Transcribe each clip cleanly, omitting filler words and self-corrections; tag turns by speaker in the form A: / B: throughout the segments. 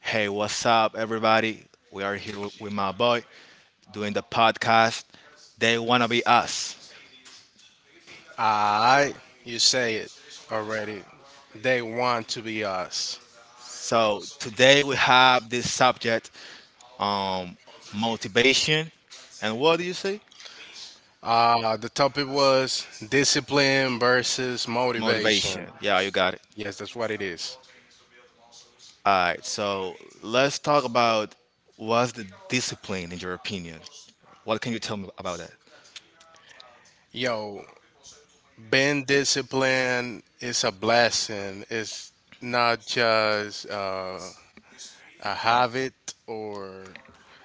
A: Hey, what's up, everybody? We are here with my boy doing the podcast. They wanna be us.
B: I, you say it already. They want to be us.
A: So today we have this subject, um, motivation. And what do you say?
B: The topic was discipline versus motivation.
A: Motivation. Yeah, you got it.
B: Yes, that's what it is.
A: All right. So let's talk about what's the discipline in your opinion. What can you tell me about that?
B: Yo, being disciplined is a blessing. It's not just a habit or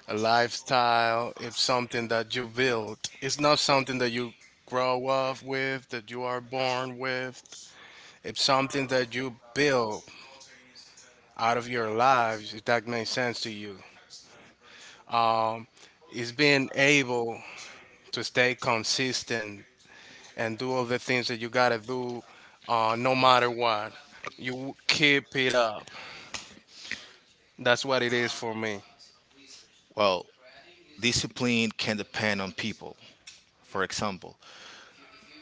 B: a lifestyle. It's something that you build. It's not something that you grow up with, that you are born with. It's something that you build out of your lives, if that makes sense to you. um, it's being able to stay consistent and do all the things that you gotta do, no matter what. You keep it up. That's what it is for me.
A: Well, discipline can depend on people. For example,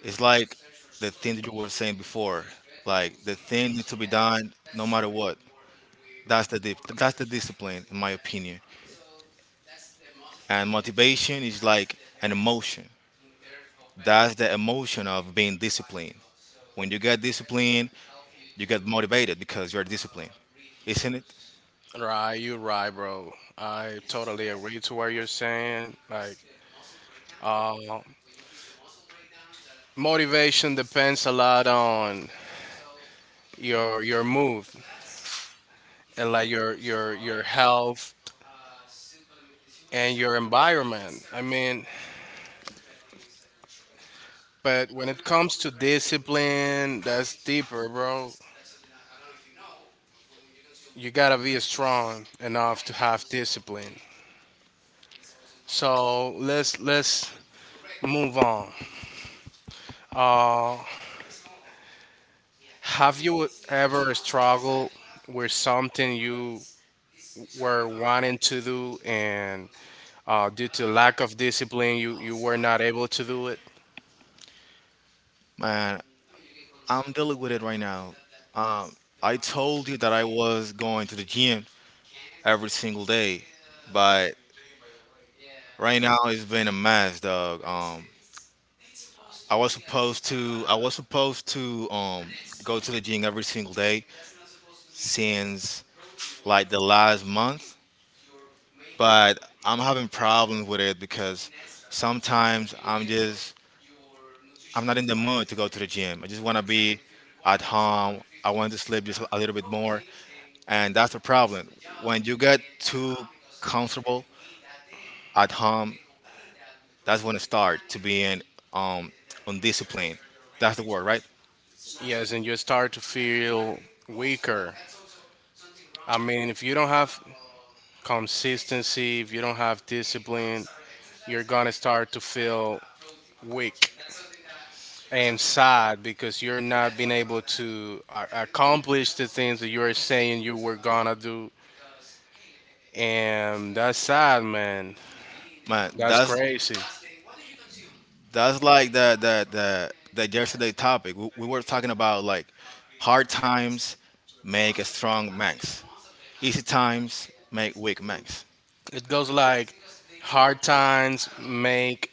A: it's like the thing that you were saying before. Like the thing needs to be done no matter what. That's the discipline in my opinion. And motivation is like an emotion. That's the emotion of being disciplined. When you get disciplined, you get motivated because you're disciplined, isn't it?
B: Right, you right, bro. I totally agree to what you're saying. Like, uh, motivation depends a lot on your mood and like your health and your environment. I mean, but when it comes to discipline, that's deeper, bro. You gotta be strong enough to have discipline. So let's move on. Uh, have you ever struggled with something you were wanting to do, and due to lack of discipline, you were not able to do it?
A: Man, I'm dealing with it right now. Um, I told you that I was going to the gym every single day, but right now it's been a mess, dog. I was supposed to I was supposed to go to the gym every single day since like the last month, but I'm having problems with it because sometimes I'm not in the mood to go to the gym. I just want to be at home. I want to sleep just a little bit more, and that's the problem. When you get too comfortable at home, that's when it starts to being um undisciplined. That's the word, right?
B: Yes, and you start to feel weaker. I mean, if you don't have consistency, if you don't have discipline, you're gonna start to feel weak and sad because you're not being able to accomplish the things that you are saying you were gonna do, and that's sad, man.
A: Man,
B: That's
A: that's
B: crazy.
A: That's like the yesterday topic. We were talking about like hard times make a strong man. Easy times make weak man.
B: It goes like hard times make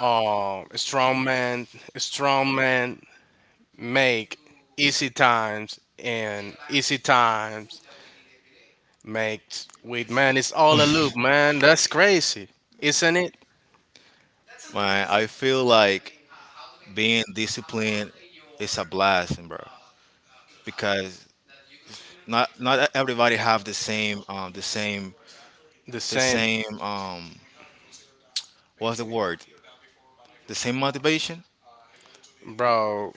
B: uh, strong man, strong man make easy times, and easy times, mate, wait, man, it's all a loop, man. That's crazy, isn't it?
A: Man, I feel like being disciplined is a blessing, bro. Because not everybody have the same the same
B: The
A: the
B: same,
A: same what's the word the same motivation,
B: bro.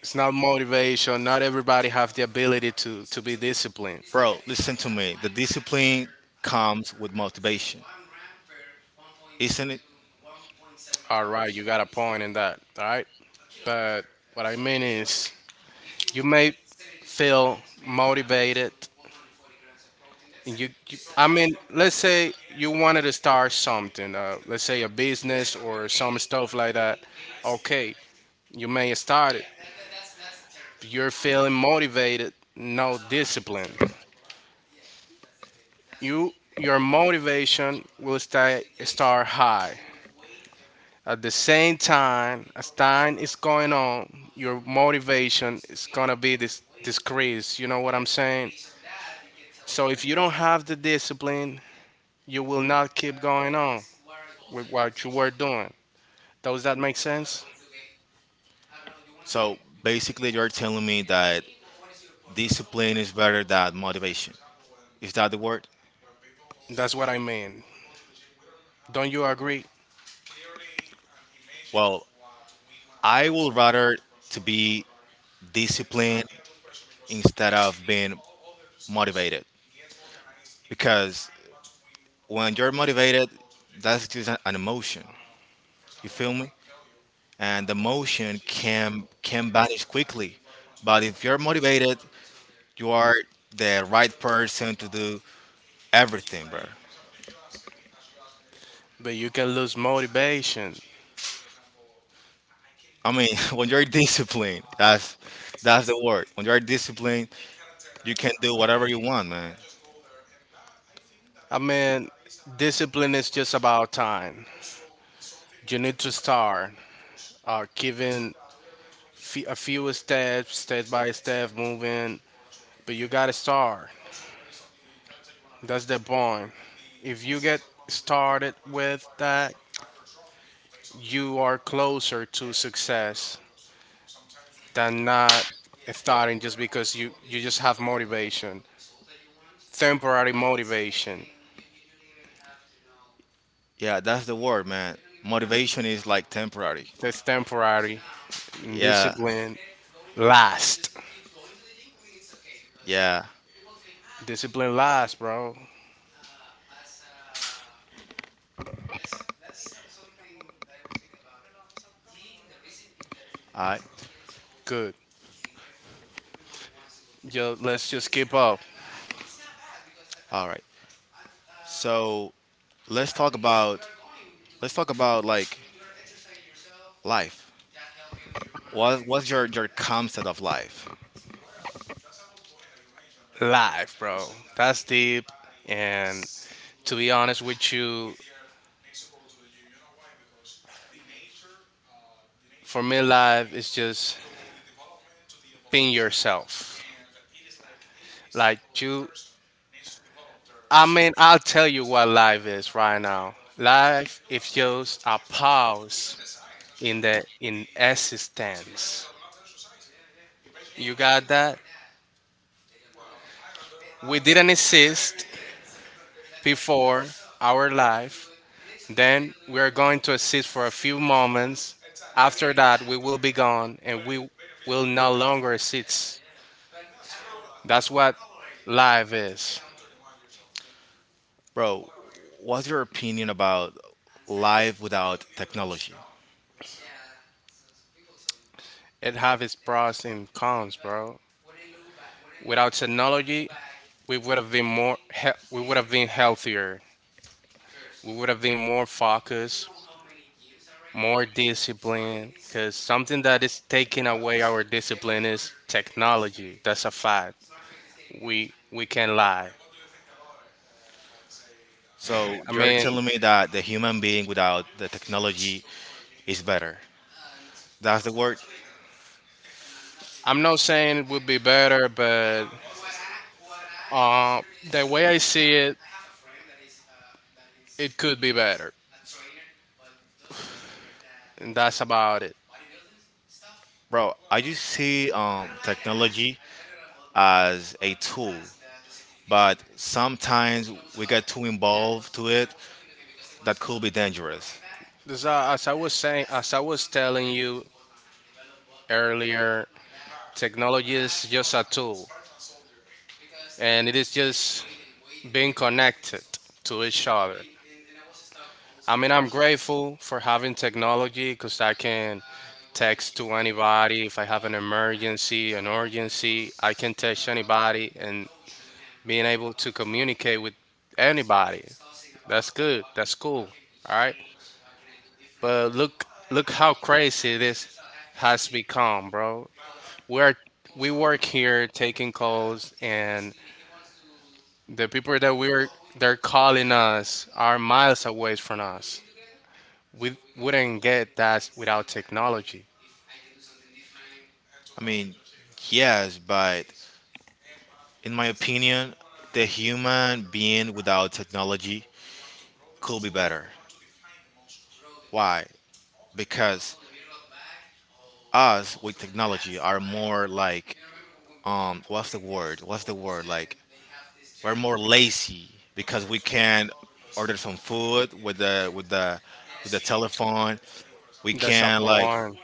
B: It's not motivation. Not everybody have the ability to be disciplined.
A: bro, listen to me, the discipline comes with motivation, isn't it?
B: All right, you got a point in that. All right, but what I mean is, you may feel motivated. And You I mean, let's say you wanted to start something. Let's say a business or some stuff like that. Okay, you may start it. You're feeling motivated, no discipline. Your motivation will stay start high. At the same time, as time is going on, your motivation is gonna be this decreased. You know what I'm saying? So if you don't have the discipline, you will not keep going on with what you were doing. Does that make sense?
A: So basically, you're telling me that discipline is better than motivation. Is that the word?
B: That's what I mean. Don't you agree?
A: Well, I would rather to be disciplined instead of being motivated because when you're motivated, that's just an emotion. You feel me? And the emotion can vanish quickly. But if you're motivated, you are the right person to do everything, bro.
B: But you can lose motivation.
A: I mean, when you're disciplined, that's the word. When you're disciplined, you can do whatever you want, man.
B: I mean, discipline is just about time. You need to start giving a few steps, step by step, moving, but you gotta start. That's the point. If you get started with that, you are closer to success than not starting just because you just have motivation. Temporary motivation.
A: Yeah, that's the word, man. Motivation is like temporary.
B: That's temporary.
A: Yeah,
B: Discipline last.
A: yeah.
B: Discipline last, bro.
A: All right,
B: Good. Yo, let's just keep up.
A: all right. So let's talk about let's talk about like life. What what's your concept of life,
B: Live, bro. That's deep. And to be honest with you, for me, live is just being yourself. Like you, I mean, I'll tell you what live is right now. Life is just a pause in the in existence. You got that? We didn't exist before our life. Then we are going to exist for a few moments. After that, we will be gone, and we will no longer exist. That's what life is.
A: bro? What's your opinion about life without technology?
B: It have its pros and cons, bro. Without technology, we would have been more we would have been healthier. We would have been more focused, more disciplined, cuz something that is taking away our discipline is technology. That's a fact. We can't lie.
A: So
B: I
A: you're
B: mean,
A: telling me that the human being without the technology is better. That's the word,
B: I'm not saying it would be better, but uh, the way I see it, it could be better. And that's about it.
A: bro. I just see technology as a tool, but sometimes we get too involved to it that could be dangerous.
B: As I was telling you earlier, technology is just a tool, and it is just being connected to each other. I mean, I'm grateful for having technology because I can text to anybody if I have an emergency, an urgency. I can text anybody, and being able to communicate with anybody, that's good. That's cool. All right, but look, look how crazy this has become, bro. We're we work here taking calls, and the people that we're they're calling us are miles away from us. We wouldn't get that without technology.
A: I mean, yes, but in my opinion, the human being without technology could be better. Why? Because us with technology are more like what's the word? What's the word like we're more lazy because we can order some food with the telephone. We
B: That's a
A: can like
B: born.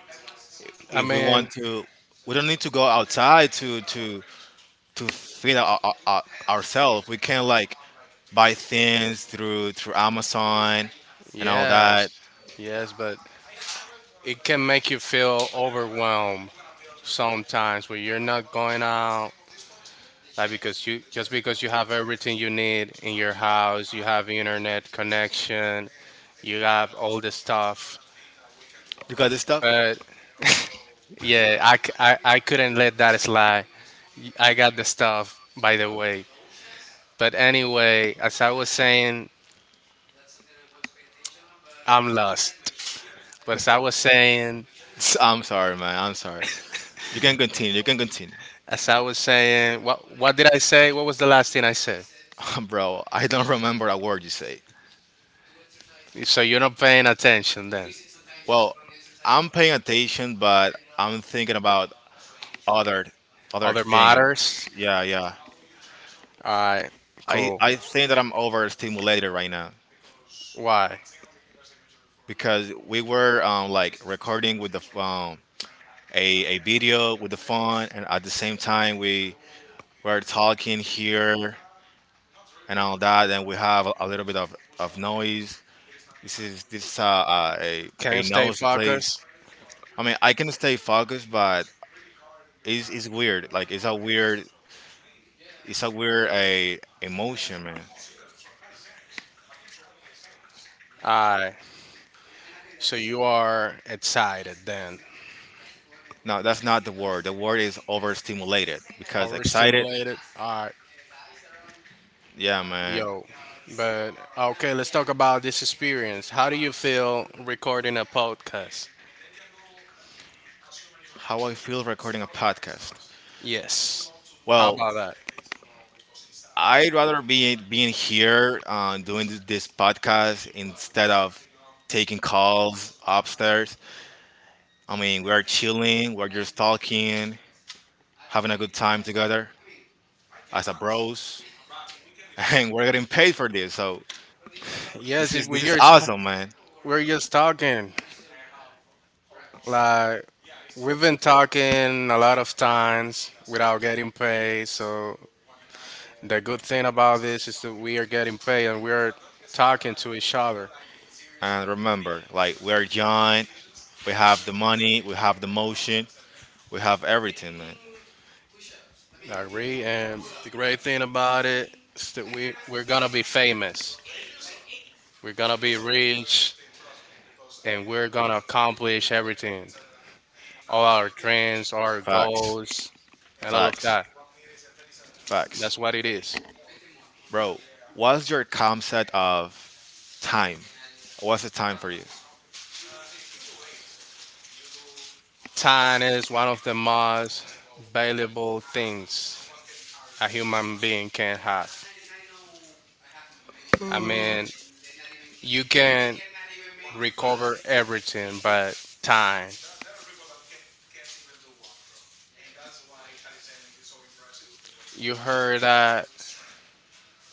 B: I
A: if we
B: mean,
A: want to, we don't need to go outside to feed our ourselves. We can like buy things through Amazon and all
B: yes,
A: that.
B: yes, but it can make you feel overwhelmed sometimes when you're not going out. Like because you just because you have everything you need in your house, you have internet connection, you have all the stuff.
A: You got this stuff?
B: But yeah, I couldn't let that slide. I got the stuff, by the way. But anyway, as I was saying, I'm lost. But as I was saying,
A: I'm sorry, man. I'm sorry. You can continue. You can continue,
B: as I was saying, what did I say? What was the last thing I said?
A: bro. I don't remember a word you say.
B: So you're not paying attention then.
A: Well, I'm paying attention, but I'm thinking about other other
B: Other
A: thing.
B: matters.
A: Yeah, yeah.
B: All right,
A: I
B: cool.
A: I think that I'm overstimulated right now
B: Why?
A: because we were like recording with the a video with the phone, and at the same time we were talking here and all that, and we have a little bit of noise. This is a
B: Can't stay
A: noisy place.
B: focused.
A: I mean, I can stay focused, but it's weird. Like it's a weird a emotion, man.
B: All right. So you are excited then.
A: No, that's not the word. The word is overstimulated because excited.
B: Overstimulated. All right.
A: Yeah, man.
B: Yo, but okay, let's talk about this experience. How do you feel recording a podcast?
A: How I feel recording a podcast.
B: Yes. How
A: Well,
B: about that?
A: I'd rather be being here doing this podcast instead of taking calls upstairs. I mean, we are chilling. We're just talking, having a good time together as a bros, and we're getting paid for this. So
B: Yes,
A: this
B: it,
A: is this is awesome, man.
B: we're just talking. Like we've been talking a lot of times without getting paid. So the good thing about this is that we are getting paid and we are talking to each other.
A: And remember, like we're giant, we have the money, we have the motion, we have everything, man.
B: I agree. And the great thing about it is that we're gonna be famous. We're gonna be rich, and we're gonna accomplish everything, all our dreams, our
A: Facts,
B: goals, and all of
A: facts,
B: that. That's
A: facts.
B: what it is.
A: Bro, what's your concept of time? What's the time for you?
B: Time is one of the most valuable things a human being can have. I mean, you can recover everything, but time. You heard that?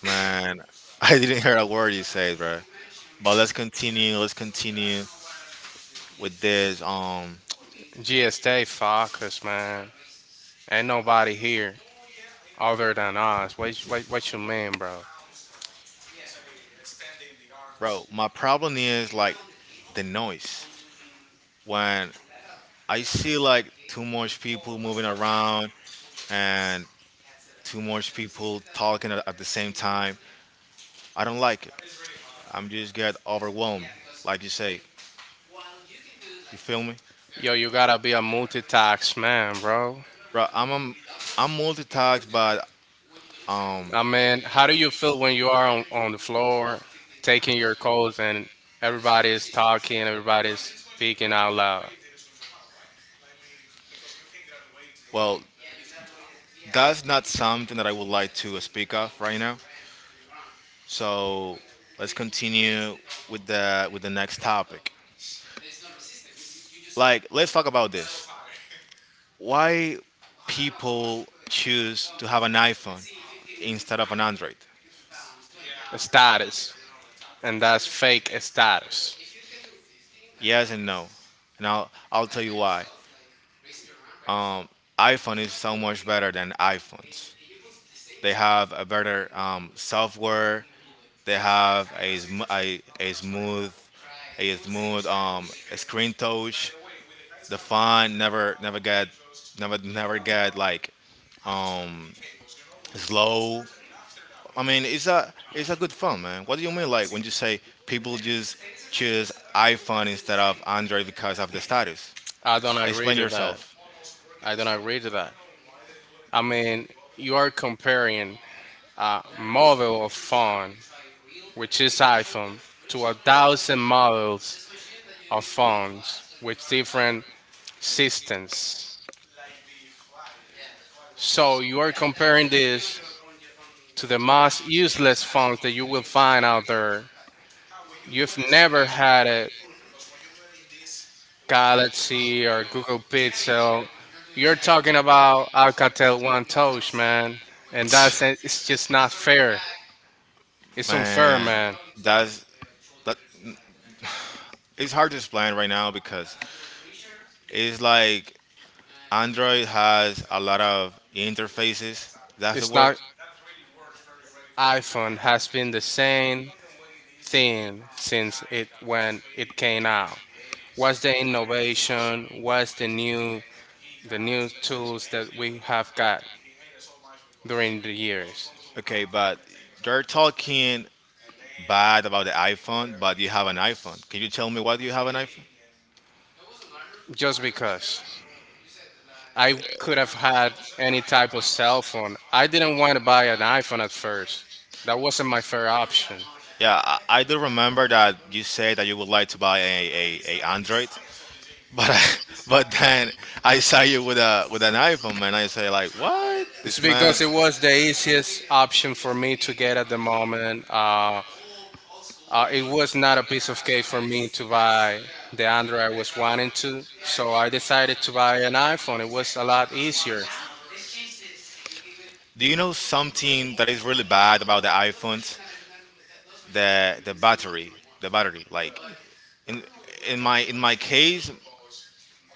A: Man, I didn't hear a word you said, bro. But let's continue. Let's continue with this.
B: Just focus, man. Ain't nobody here other than us. What you mean, bro?
A: Bro, my problem is like the noise. When I see like too much people moving around, and too much people talking at the same time. I don't like it. I'm just get overwhelmed, like you say. You feel me,
B: Yo, you gotta be a multitask man, bro.
A: bro? I'm multitasked, but um,
B: I mean, how do you feel when you are on, the floor taking your calls and everybody is talking, everybody is speaking out loud?
A: well, that's not something that I would like to speak of right now. So let's continue with the next topic. Like, let's talk about this. Why people choose to have an iPhone instead of an Android?
B: Status. And that's fake status.
A: Yes and no. And I'll tell you why. um, iPhone is so much better than iPhones. They have a better software. They have a, a smooth a smooth um, screen touch. The font never get never get like um, slow. I mean, it's a good phone, man. What do you mean, like when you say people just choose iPhone instead of Android because of the status?
B: I don't agree
A: Explain
B: to that.
A: yourself.
B: I don't agree to that. I mean, you are comparing a model of phone, which is iPhone, to a thousand models of phones with different systems. So you are comparing this to the most useless phones that you will find out there. You've never had a Galaxy or Google Pixel. You're talking about Alcatel One Touch, man, and that's it's just not fair. It's unfair,
A: Man,
B: man.
A: that's that. It's hard to explain right now because it's like Android has a lot of interfaces. That's the
B: It's
A: word.
B: not. iPhone has been the same thing since it when it came out. What's the innovation? What's the new tools that we have got during the years?
A: Okay, but they're talking bad about the iPhone, but you have an iPhone. Can you tell me why do you have an iPhone?
B: Just because. I could have had any type of cell phone. I didn't want to buy an iPhone at first. That wasn't my fair option.
A: Yeah, I do remember that you said that you would like to buy a Android, but but then I saw you with a with an iPhone, and I say like, what?
B: It's
A: This man,
B: because it was the easiest option for me to get at the moment. It was not a piece of cake for me to buy the Android I was wanting to, so I decided to buy an iPhone. It was a lot easier.
A: do you know something that is really bad about the iPhones? The battery, the battery. Like in in my in my case,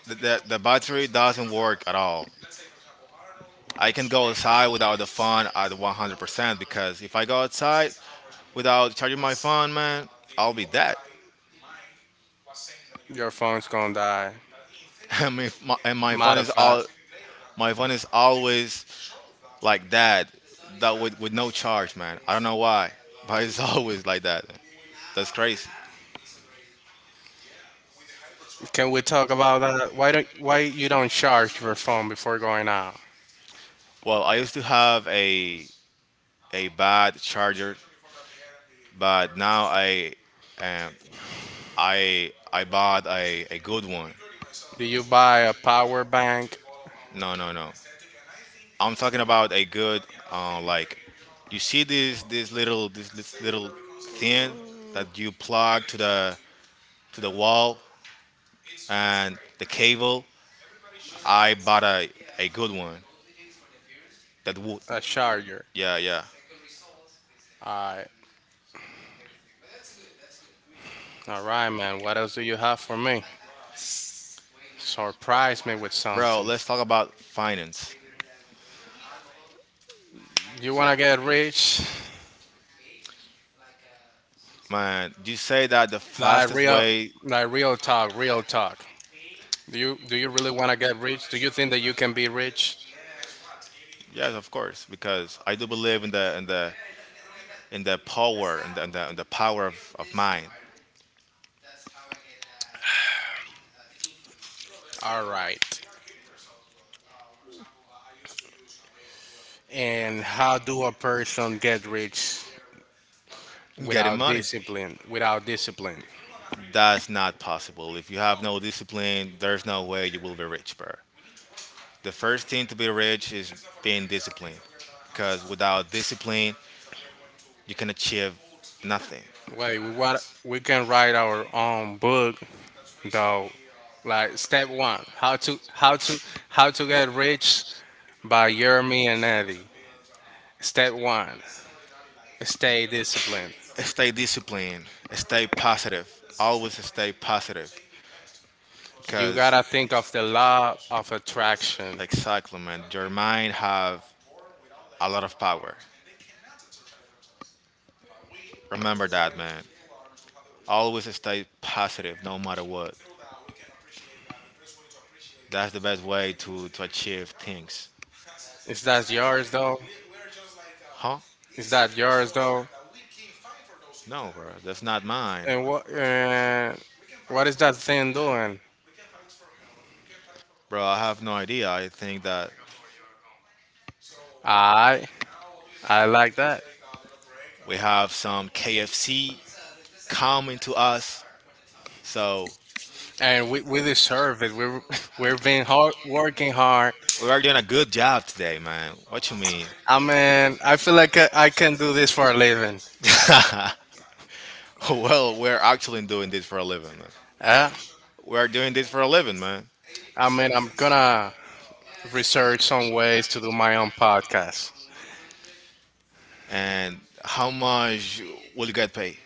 A: the battery doesn't work at all. I can go outside without the phone at 100% because if I go outside without charging my phone, man, I'll be dead.
B: Your phone's gonna die.
A: And my, and my phone is
B: Modify.
A: all my phone is always like that, that with no charge, man. I don't know why, but it's always like that. That's crazy.
B: Can we talk about that? Why you don't charge your phone before going out?
A: Well, I used to have a bad charger, but now um, I bought a good one.
B: Do you buy a power bank,
A: No, no, no. I'm talking about a good like you see this little thing that you plug to the wall and the cable. I bought a good one that would
B: a charger?
A: yeah, yeah.
B: All right, all right, man. What else do you have for me? Surprise me with
A: Bro,
B: something.
A: let's talk about finance.
B: You wanna get rich?
A: Man, you say that the
B: Like
A: fastest
B: real,
A: way
B: like real talk, real talk. Do you really wanna get rich? Do you think that you can be rich?
A: yes, of course, because I do believe in the power and the power of mind.
B: All right. And how do a person get rich
A: Getting
B: without
A: money,
B: discipline? Without discipline.
A: that's not possible. If you have no discipline, there's no way you will be rich, bro. The first thing to be rich is being disciplined, because without discipline, you can achieve nothing.
B: Wait, we what we can write our own book though. Like step one, how to get rich by Jeremy and Eddie. Step one, stay disciplined.
A: Stay disciplined, stay positive, always stay positive,
B: You
A: because
B: gotta think of the law of attraction.
A: exactly, man, your mind have a lot of power. Remember that, man. Always stay positive no matter what. That's the best way to achieve things.
B: Is that yours though?
A: Huh?
B: Is that yours though?
A: No, bro. That's not mine.
B: And what is that thing doing?
A: Bro, I have no idea. I think that
B: I I like that.
A: we have some KFC coming to us. So
B: And we deserve it. We're we've been working hard.
A: we are doing a good job today, man. What you mean?
B: I mean, I feel like I can do this for a living.
A: Well, we're actually doing this for a living, man.
B: Yeah.
A: We're doing this for a living, man.
B: I mean, I'm gonna research some ways to do my own podcast.
A: And how much will you get paid?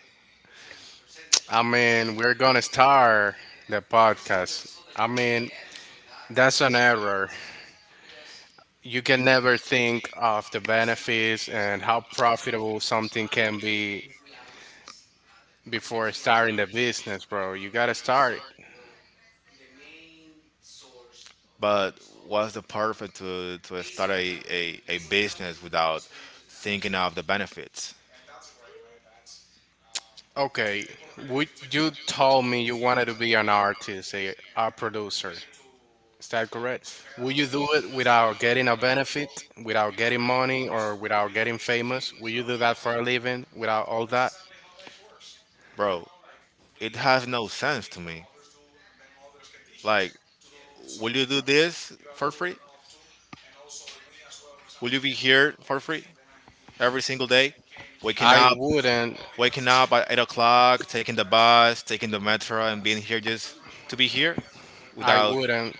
B: I mean, we're gonna start the podcast. I mean, that's an error. You can never think of the benefits and how profitable something can be before starting the business, bro. You gotta start it.
A: But what's the perfect to start a business without thinking of the benefits?
B: Okay, would you told me you wanted to be an artist, a producer. Is that correct? Will you do it without getting a benefit, without getting money, or without getting famous? Will you do that for a living without all that?
A: Bro, it has no sense to me. Like, will you do this for free? Will you be here for free every single day? Waking
B: I
A: up,
B: wouldn't.
A: waking up at 8 o'clock, taking the bus, taking the metro, and being here just to be here
B: I
A: without
B: wouldn't.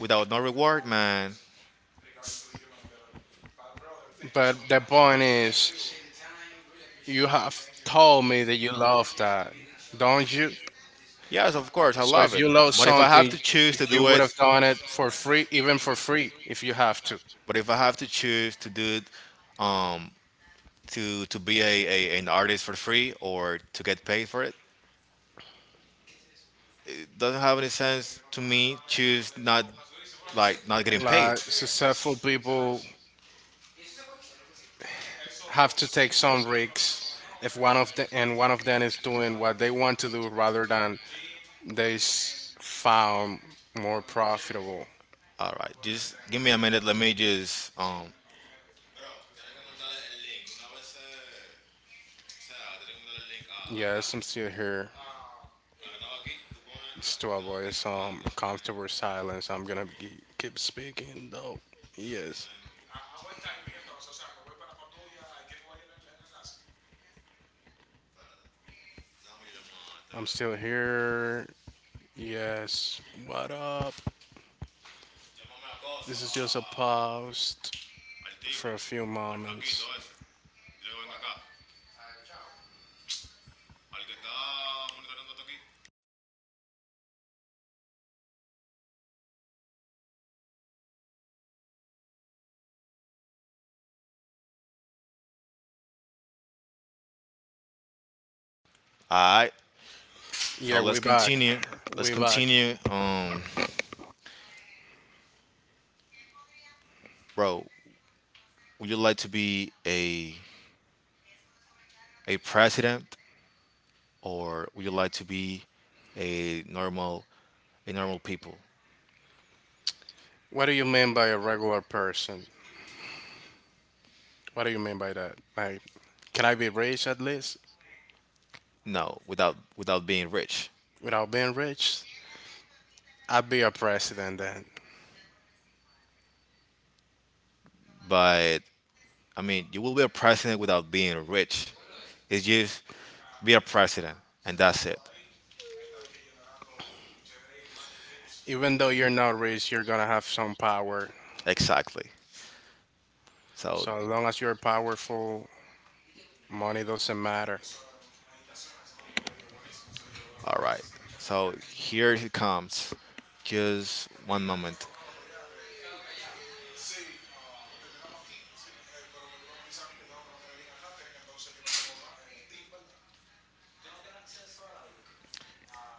A: without no reward, man.
B: But the point is, you have told me that you love that, don't you?
A: Yes, of course, I
B: So
A: love
B: if
A: it.
B: you love
A: But if I have
B: something,
A: to choose to
B: you
A: do
B: would
A: it,
B: have done it for free, even for free, if you have to.
A: But if I have to choose to do it um, to be a an artist for free or to get paid for it. It doesn't have any sense to me. Choose not like not getting paid.
B: Like successful people have to take some risks if one of them is doing what they want to do rather than found more profitable.
A: All right, just give me a minute. Let me just.
B: Yes, I'm still here. It's to avoid some comfortable silence, keep speaking though. Yes, I'm still here. Yes, what up? This is just a pause for a few moments.
A: All right, so
B: Yeah,
A: let's
B: way back.
A: continue. Let's
B: Way back.
A: continue. Bro, would you like to be a president or would you like to be a normal a normal people?
B: What do you mean by a regular person? What do you mean by that? Like, can I be rich at least
A: No, without being rich.
B: without being rich? I'd be a president then.
A: But I mean, you will be a president without being rich. It's just be a president, and that's it.
B: Even though you're not rich, you're gonna have some power.
A: Exactly. So,
B: So as long as you're powerful, money doesn't matter.
A: all right. So here it comes. Just one moment.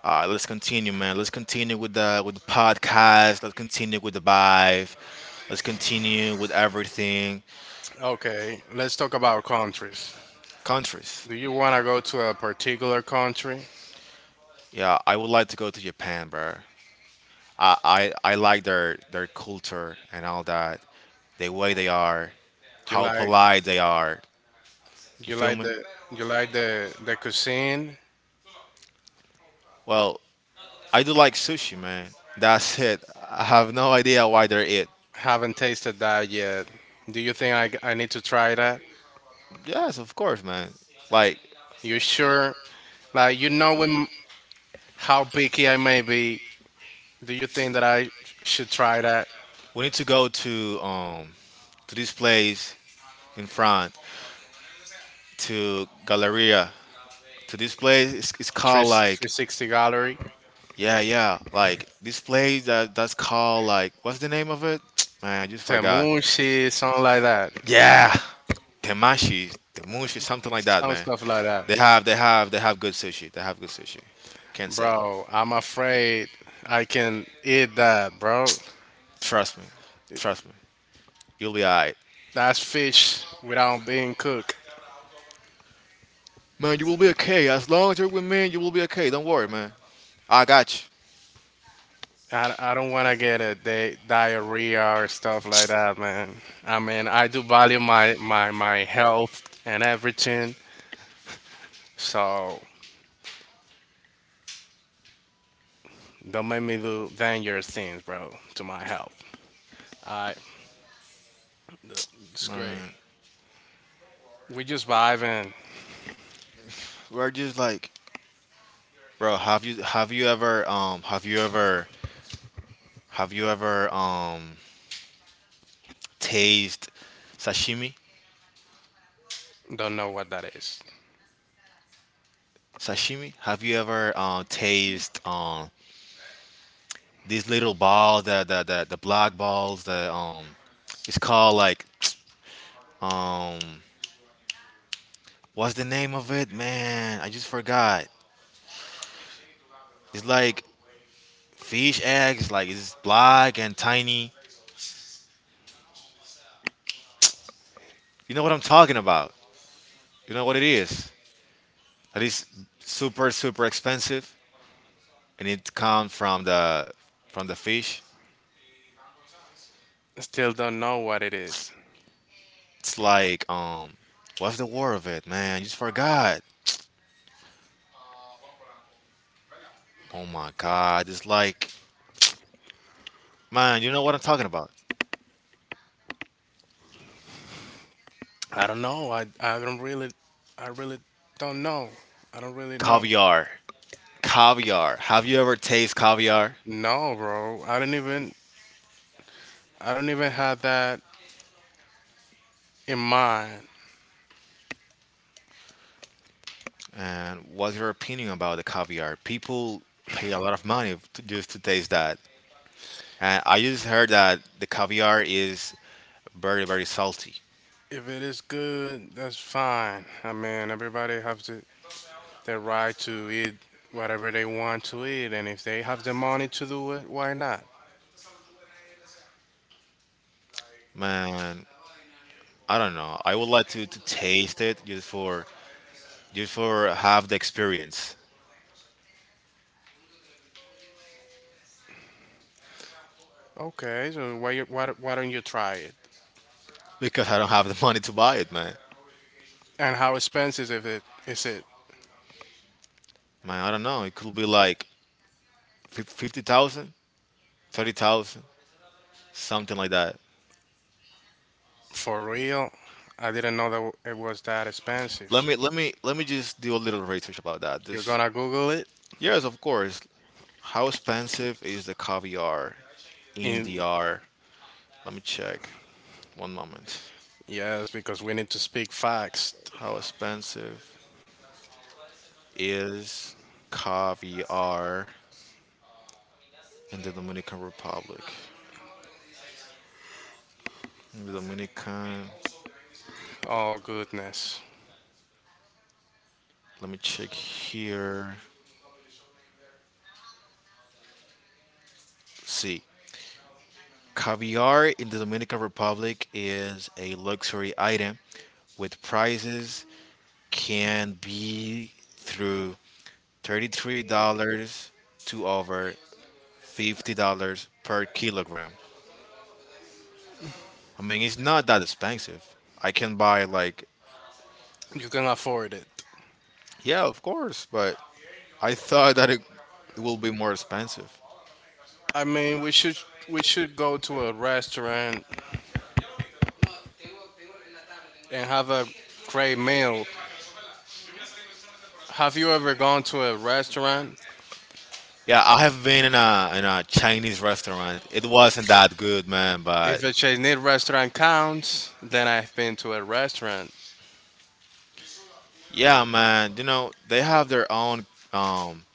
A: All right, let's continue, man. Let's continue with the podcast. Let's continue with the vibe. Let's continue with everything.
B: Okay, let's talk about countries.
A: Countries.
B: Do you wanna go to a particular country?
A: Yeah, I would like to go to Japan, bro. I, I like their culture and all that, the way they are,
B: Do you
A: how
B: like
A: polite they are. You
B: you
A: feel
B: like
A: me?
B: the you like the cuisine?
A: Well, I do like sushi, man. That's it. I have no idea why they're it.
B: Haven't tasted that yet. Do you think I need to try that?
A: Yes, of course, man. Like
B: You sure? Like, you know when, how picky I may be. Do you think that I should try that
A: we need to go to this place in France, to Galleria. To this place, it's
B: 3,
A: called like
B: 360 gallery?
A: yeah like this place that's called like, what's the name of it? Man, I just forgot.
B: Temushi, something like that.
A: Yeah, Temashi, Temushi, something like that,
B: Some
A: man.
B: stuff like that.
A: They have good sushi. They have good sushi. Can't say.
B: Bro, I'm afraid I can eat that, bro.
A: Trust me, trust me. You'll be alright,
B: That's fish without being cooked.
A: man. You will be okay as long as you're with me. You will be okay. Don't worry, man. I got you,
B: I don't want to get a diarrhea or stuff like that, man. I mean, I do value my health and everything. So don't make me than your sins, bro, to my help. Alright, it's great.
A: man.
B: We just vibing.
A: We're just like, bro. Have you ever, have you ever, have you ever, taste sashimi?
B: Don't know what that is.
A: Sashimi? Have you ever, taste, these little balls, the black balls. The it's called like um, what's the name of it, man? I just forgot. It's like fish eggs. Like it's black and tiny. You know what I'm talking about? You know what it is? That is super expensive, and it comes from the fish.
B: Still don't know what it is.
A: It's like what's the word of it, man? I just forgot. Oh my god! It's like, man, you know what I'm talking about?
B: I don't know. I don't really, I really don't know. I don't really know.
A: Caviar. Caviar. Have you ever tasted caviar?
B: No, bro. I don't even have that in mind.
A: And what's your opinion about the caviar? People pay a lot of money to, just to taste that. And I just heard that the caviar is very, very salty.
B: If it is good, that's fine. I mean, everybody has the, their right to eat whatever they want to eat, and if they have the money to do it, why not?
A: Man, I don't know. I would like to taste it just for have the experience.
B: Okay, so why you, why don't you try it?
A: Because I don't have the money to buy it, man.
B: And how expensive is it? Is it
A: Man, I don't know. It could be like 50,000, something like that.
B: for real? I didn't know that it was that expensive.
A: Let me just do a little research about that.
B: You're
A: Just
B: gonna Google it?
A: Yes, of course. How expensive is the caviar in
B: In,
A: DR? Let me check. One moment.
B: yes, because we need to speak facts.
A: How expensive is caviar in the Dominican Republic? In the Dominican,
B: Oh goodness,
A: let me check here. See, caviar in the Dominican Republic is a luxury item with prices can be through $33 to over $50 per kilogram. I mean, it's not that expensive. I can buy like,
B: you can afford it.
A: yeah, of course, but I thought that it will be more expensive.
B: I mean, we should go to a restaurant and have a great meal. Have you ever gone to a restaurant?
A: Yeah, I have been in a Chinese restaurant. It wasn't that good, man.
B: If
A: But
B: a Chinese restaurant counts, then I've been to a restaurant.
A: yeah, man, you know they have their own um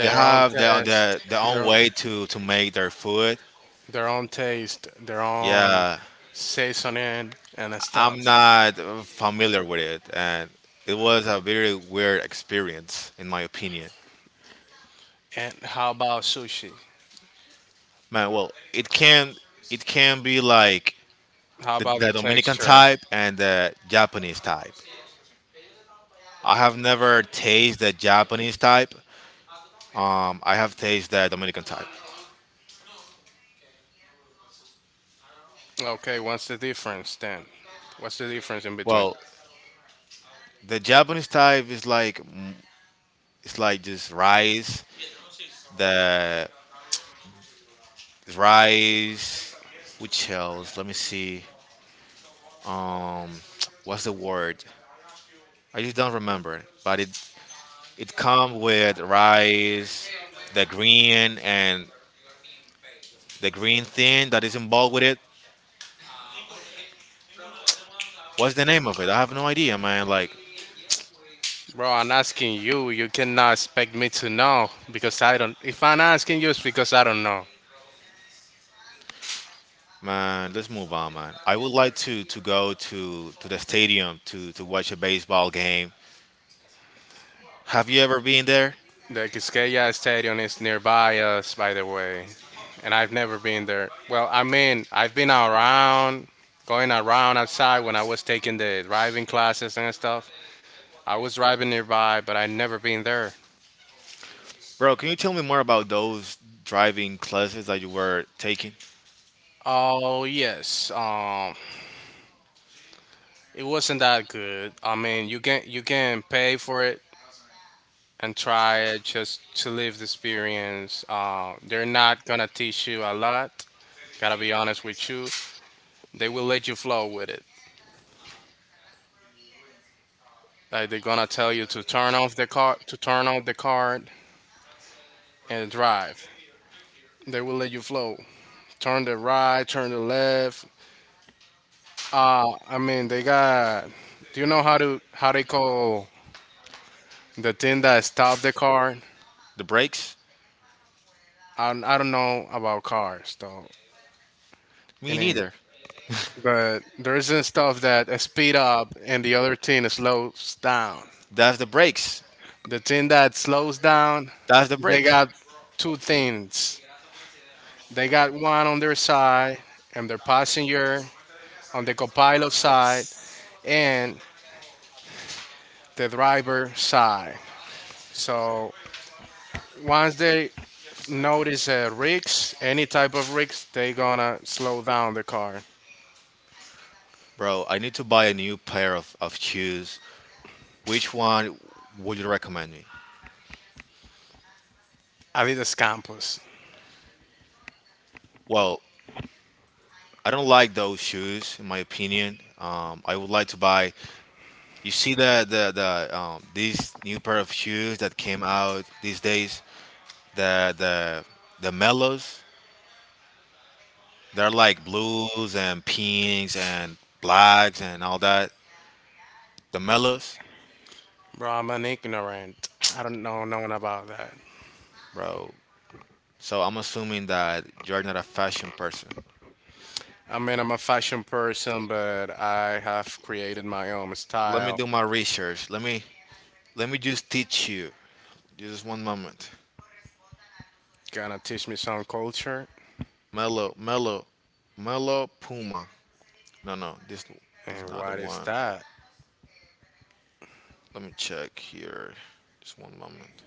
A: they
B: own
A: have
B: test.
A: their
B: Their
A: own
B: own,
A: way to make their food.
B: their own taste, their own
A: Yeah,
B: seasoning and stuff.
A: I'm not familiar with it, and it was a very weird experience in my opinion.
B: And how about sushi?
A: Man, well, it can be like
B: How about the
A: the Dominican
B: texture?
A: type and the Japanese type. I have never tasted the Japanese type. I have tasted the Dominican type.
B: Okay, what's the difference then? What's the difference in between?
A: Well, the Japanese type is like it's like just rice, the rice, which else? Let me see. Um, what's the word? I just don't remember. But it comes with rice, the green and the green thing that is involved with it. What's the name of it? I have no idea, man. Like,
B: Bro, I'm asking you. You cannot expect me to know because I don't. If I'm asking you, it's because I don't know.
A: man, let's move on, man. I would like to go to the stadium to watch a baseball game. Have you ever been there,
B: The Quisqueya Stadium is nearby us, by the way, and I've never been there. Well, I mean, I've been around, going around outside when I was taking the driving classes and stuff, I was driving nearby, but I never been there.
A: bro? Can you tell me more about those driving classes that you were taking?
B: Oh yes, it wasn't that good. I mean, you can pay for it and try it just to live the experience. They're not gonna teach you a lot. Gotta be honest with you. They will let you flow with it. Like they're gonna tell you to turn off the car, to turn off the card and drive. They will let you flow. Turn the right, turn the left. I mean, they got. Do you know how to how they call the thing that stopped the car?
A: The brakes?
B: I don't know about cars though. It
A: Me
B: ain't,
A: neither.
B: but there isn't stuff that speed up and the other thing slows down.
A: That's the brakes.
B: The thing that slows down,
A: That's the
B: they
A: brakes,
B: got two things. They got one on their side and their passenger on the copilot side and the driver side. So once they notice a rigs, any type of rigs, they gonna slow down the car.
A: bro. I need to buy a new pair of shoes. Which one would you recommend me?
B: Adidas Campus.
A: Well, I don't like those shoes, in my opinion. I would like to buy You see the these new pair of shoes that came out these days. The the the mellows. They're like blues and pinks and blacks and all that. The mellows,
B: Bro, I'm an ignorant. I don't know nothing about that.
A: bro. So I'm assuming that you're not a fashion person.
B: I mean, I'm a fashion person, but I have created my own
A: Let me
B: style.
A: do my research. Let me just teach you. Just one moment.
B: Gonna teach me some culture.
A: Mellow, mellow, mellow Puma. No, This this
B: And
A: not the
B: what is
A: one.
B: that?
A: Let me check here. Just one moment.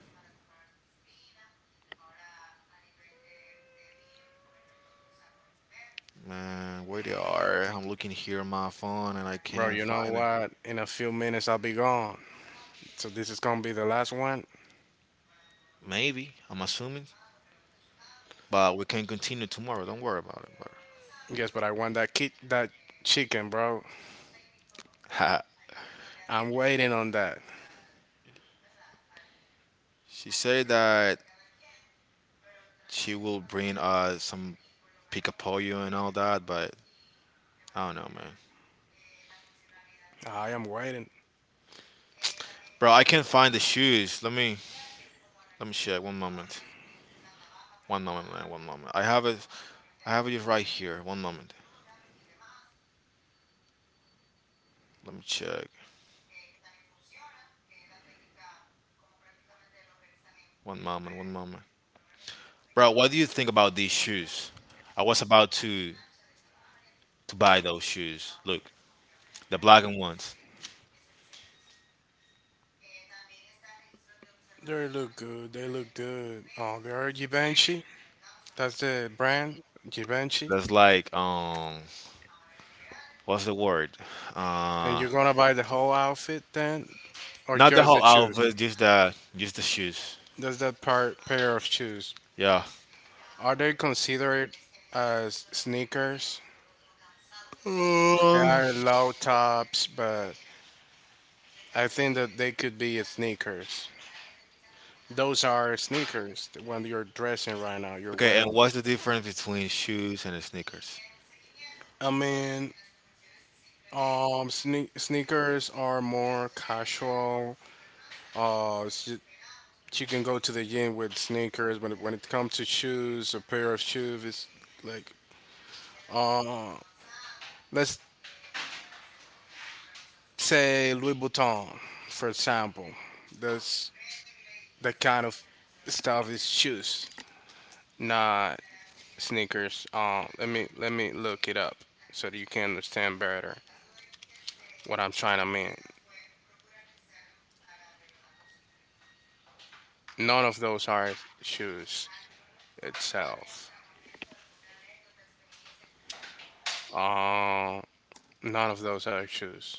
A: Man, where they are? I'm looking here on my phone and I
B: Bro,
A: can't
B: you know
A: find it.
B: what? In a few minutes, I'll be gone. So this is gonna be the last one.
A: Maybe, I'm assuming. But we can continue tomorrow. Don't worry about it,
B: Yes, but I want that kid, that chicken, bro.
A: bro.
B: I'm waiting on that.
A: She said that she will bring some picapoyo and all that, but I don't know, man.
B: I am waiting.
A: Bro, I can't find the shoes. Let me check. One moment. One moment, man. One moment. I have it. I have it right here. One moment. Let me check. One moment. One moment. Bro, what do you think about these shoes? I was about to buy those shoes. Look, the black and ones.
B: They look good. They look good. Oh, they're Givenchy. That's the brand, Givenchy.
A: That's like what's the word?
B: And
A: Uh,
B: you're gonna buy the whole outfit then, or
A: not the
B: just the
A: whole
B: shoes?
A: outfit, just the shoes.
B: Just that part pair of shoes.
A: Yeah.
B: Are they considered as sneakers? They
A: Uh,
B: are low tops, but I think that they could be sneakers. Those are sneakers. When you're dressing right now. You're
A: okay, and
B: wearing.
A: what's the difference between shoes and sneakers?
B: I mean, sneakers are more casual. Uh, s- you can go to the gym with sneakers, but when it comes to shoes, a pair of shoes is like uh let's say Louis Vuitton, for example. That's the kind of stuff is shoes, not sneakers. Let me look it up so that you can understand better what I'm trying to mean. None of those are shoes itself. Um, none of those are shoes.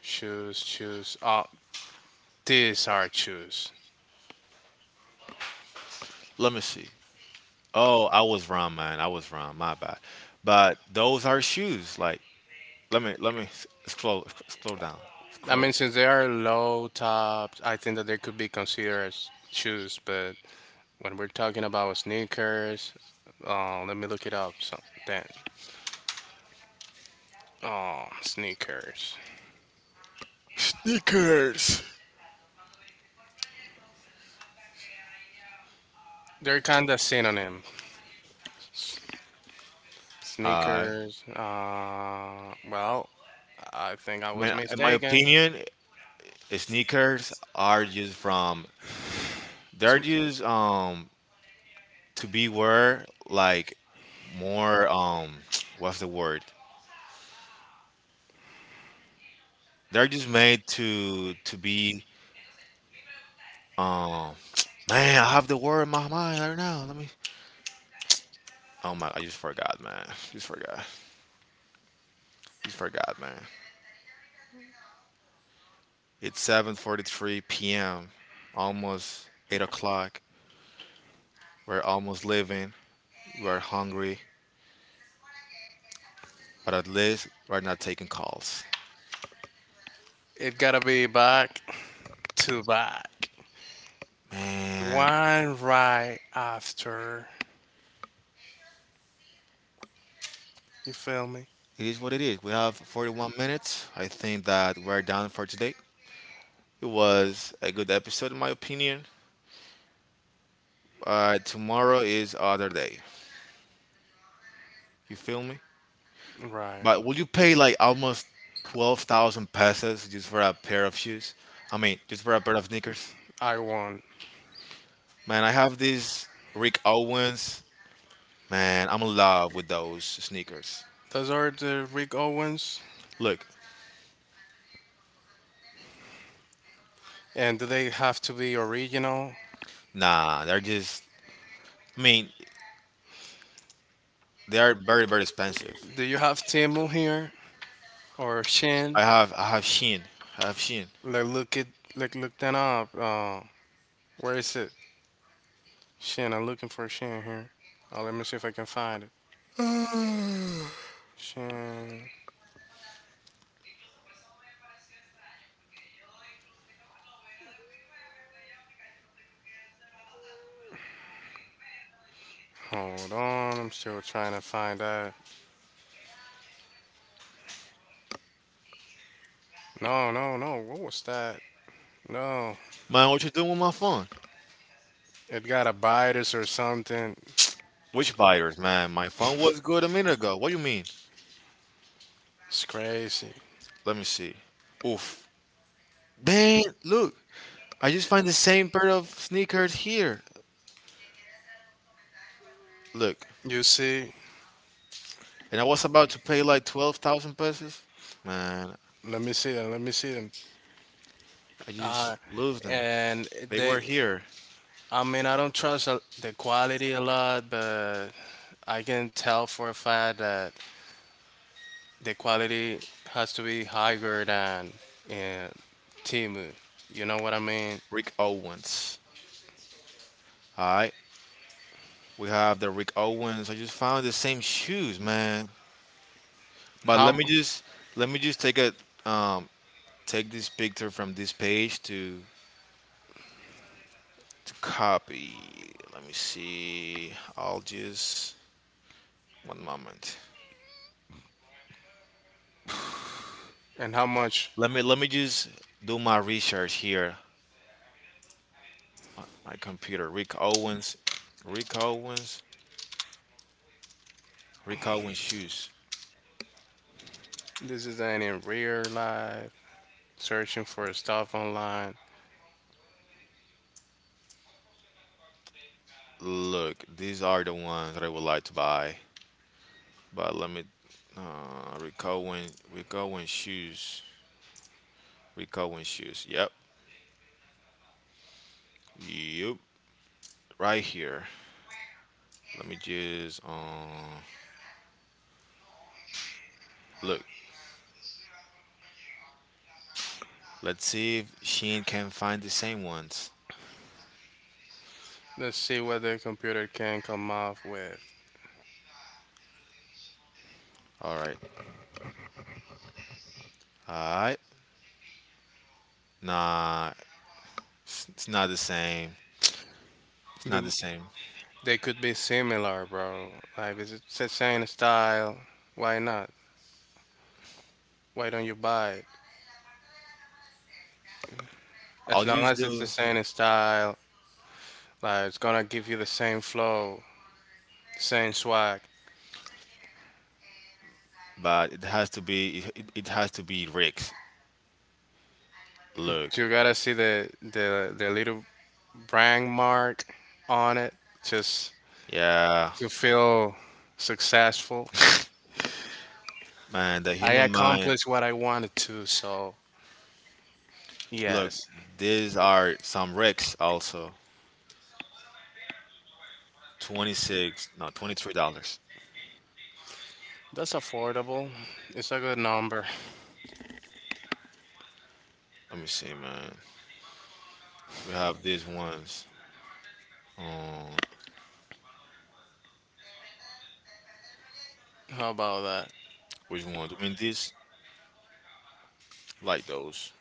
B: Shoes, shoes. These are shoes.
A: Let me see. Oh, I was wrong, man. I was wrong. My bad. But those are shoes. Like, let me scroll scroll down.
B: I
A: Scroll.
B: mean, since they are low topped, I think that they could be considered as shoes, but when we're talking about sneakers, let me look it up. So then, oh, sneakers.
A: Sneakers.
B: They're kind of synonym.
A: I
B: Sneakers. Well, I think I was
A: mean, in my
B: mistaken.
A: opinion, sneakers are used from
B: It's-
A: they're used to be wear like more what's the word, they're just made to be um man, I have the word in my mind right now, let me oh my, I just forgot, man. Just forgot man, it's 7:43 p.m., almost 8 o'clock. We're almost living, we're hungry, but at least we're not taking calls,
B: it gotta be back to back.
A: man.
B: One right after. You feel me?
A: It is what it is. We have 41 minutes. I think that we're done for today. It was a good episode, in my opinion. Tomorrow is other day. You feel me?
B: Right.
A: But will you pay like almost 12,000 pesos just for a pair of shoes? I mean, just for a pair of sneakers?
B: I won.
A: Man, I have these Rick Owens. Man, I'm in love with those sneakers.
B: Those are the Rick Owens.
A: Look,
B: And do they have to be original?
A: nah, they're just, I mean, they are very, very expensive.
B: Do you have Timu here? Or Shin?
A: I have Shein. I have Shein.
B: Like look it like look that up. Where is it? Shin, I'm looking for Shin here. Let me see if I can find it. Shin, hold on. I'm still trying to find that. No, no, no. What was that? No,
A: Man, what you doing with my phone?
B: it got a virus or something.
A: Which virus, man? My phone was good a minute ago. What do you mean?
B: It's crazy.
A: Let me see. Oof. Dang, look. I just find the same pair of sneakers here. Look.
B: You see?
A: And I was about to pay like 12,000 pesos. Man,
B: Let me see them. Let me see them.
A: I just
B: Uh,
A: lose them.
B: and
A: They
B: they.
A: were here.
B: I mean, I don't trust the quality a lot, but I can tell for a fact that the quality has to be higher than uh, Timu. You know what I mean?
A: Rick Owens. Alright. We have the Rick Owens. I just found the same shoes, man. But
B: How
A: let me just take a um take this picture from this page to copy. Let me see. I'll just one moment.
B: and how much,
A: Let me just do my research here on my computer. Rick Owens, Rick Owens shoes.
B: this is an in real life searching for stuff online.
A: Look, these are the ones that I would like to buy. But let me Rick Owens shoes. Rick Owens shoes. Yep. Yep. Right here. Let me just look. Let's see if Shein can find the same ones.
B: Let's see what the computer can come up with.
A: Alright. All right. Nah, it's not the same. It's not
B: But
A: the same.
B: they could be similar, bro. Like is it the same style. Why not? Why don't you buy it?
A: I'll
B: As long
A: just
B: as it's
A: do,
B: the same style, like it's gonna give you the same flow, same swag.
A: but it has to be. It has to be rigged. Look,
B: You gotta see the the little brand mark on it just
A: yeah,
B: to feel successful.
A: man, the
B: I
A: human mind.
B: accomplished what I wanted to, so
A: Look,
B: yes,
A: these are some rigs also. 26, no, $23.
B: that's affordable. It's a good number.
A: Let me see, man. We have these ones. Um,
B: How about that?
A: which one? I mean, these like those.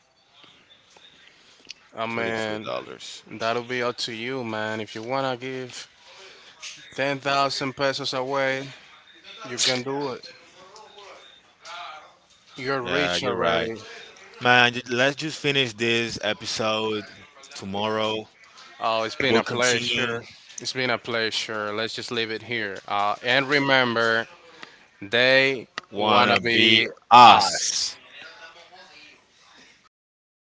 B: I
A: Thirty three
B: mean,
A: dollars.
B: that'll be up to you, man. If you wanna give 10,000 pesos away, you can do it. You're
A: Yeah,
B: rich
A: you're right.
B: already.
A: Man, let's just finish this episode tomorrow.
B: Oh, it's been
A: Will
B: a
A: continue
B: pleasure. It's been a pleasure. Let's just leave it here. And remember, they wanna
A: wanna be
B: be
A: us.
B: us.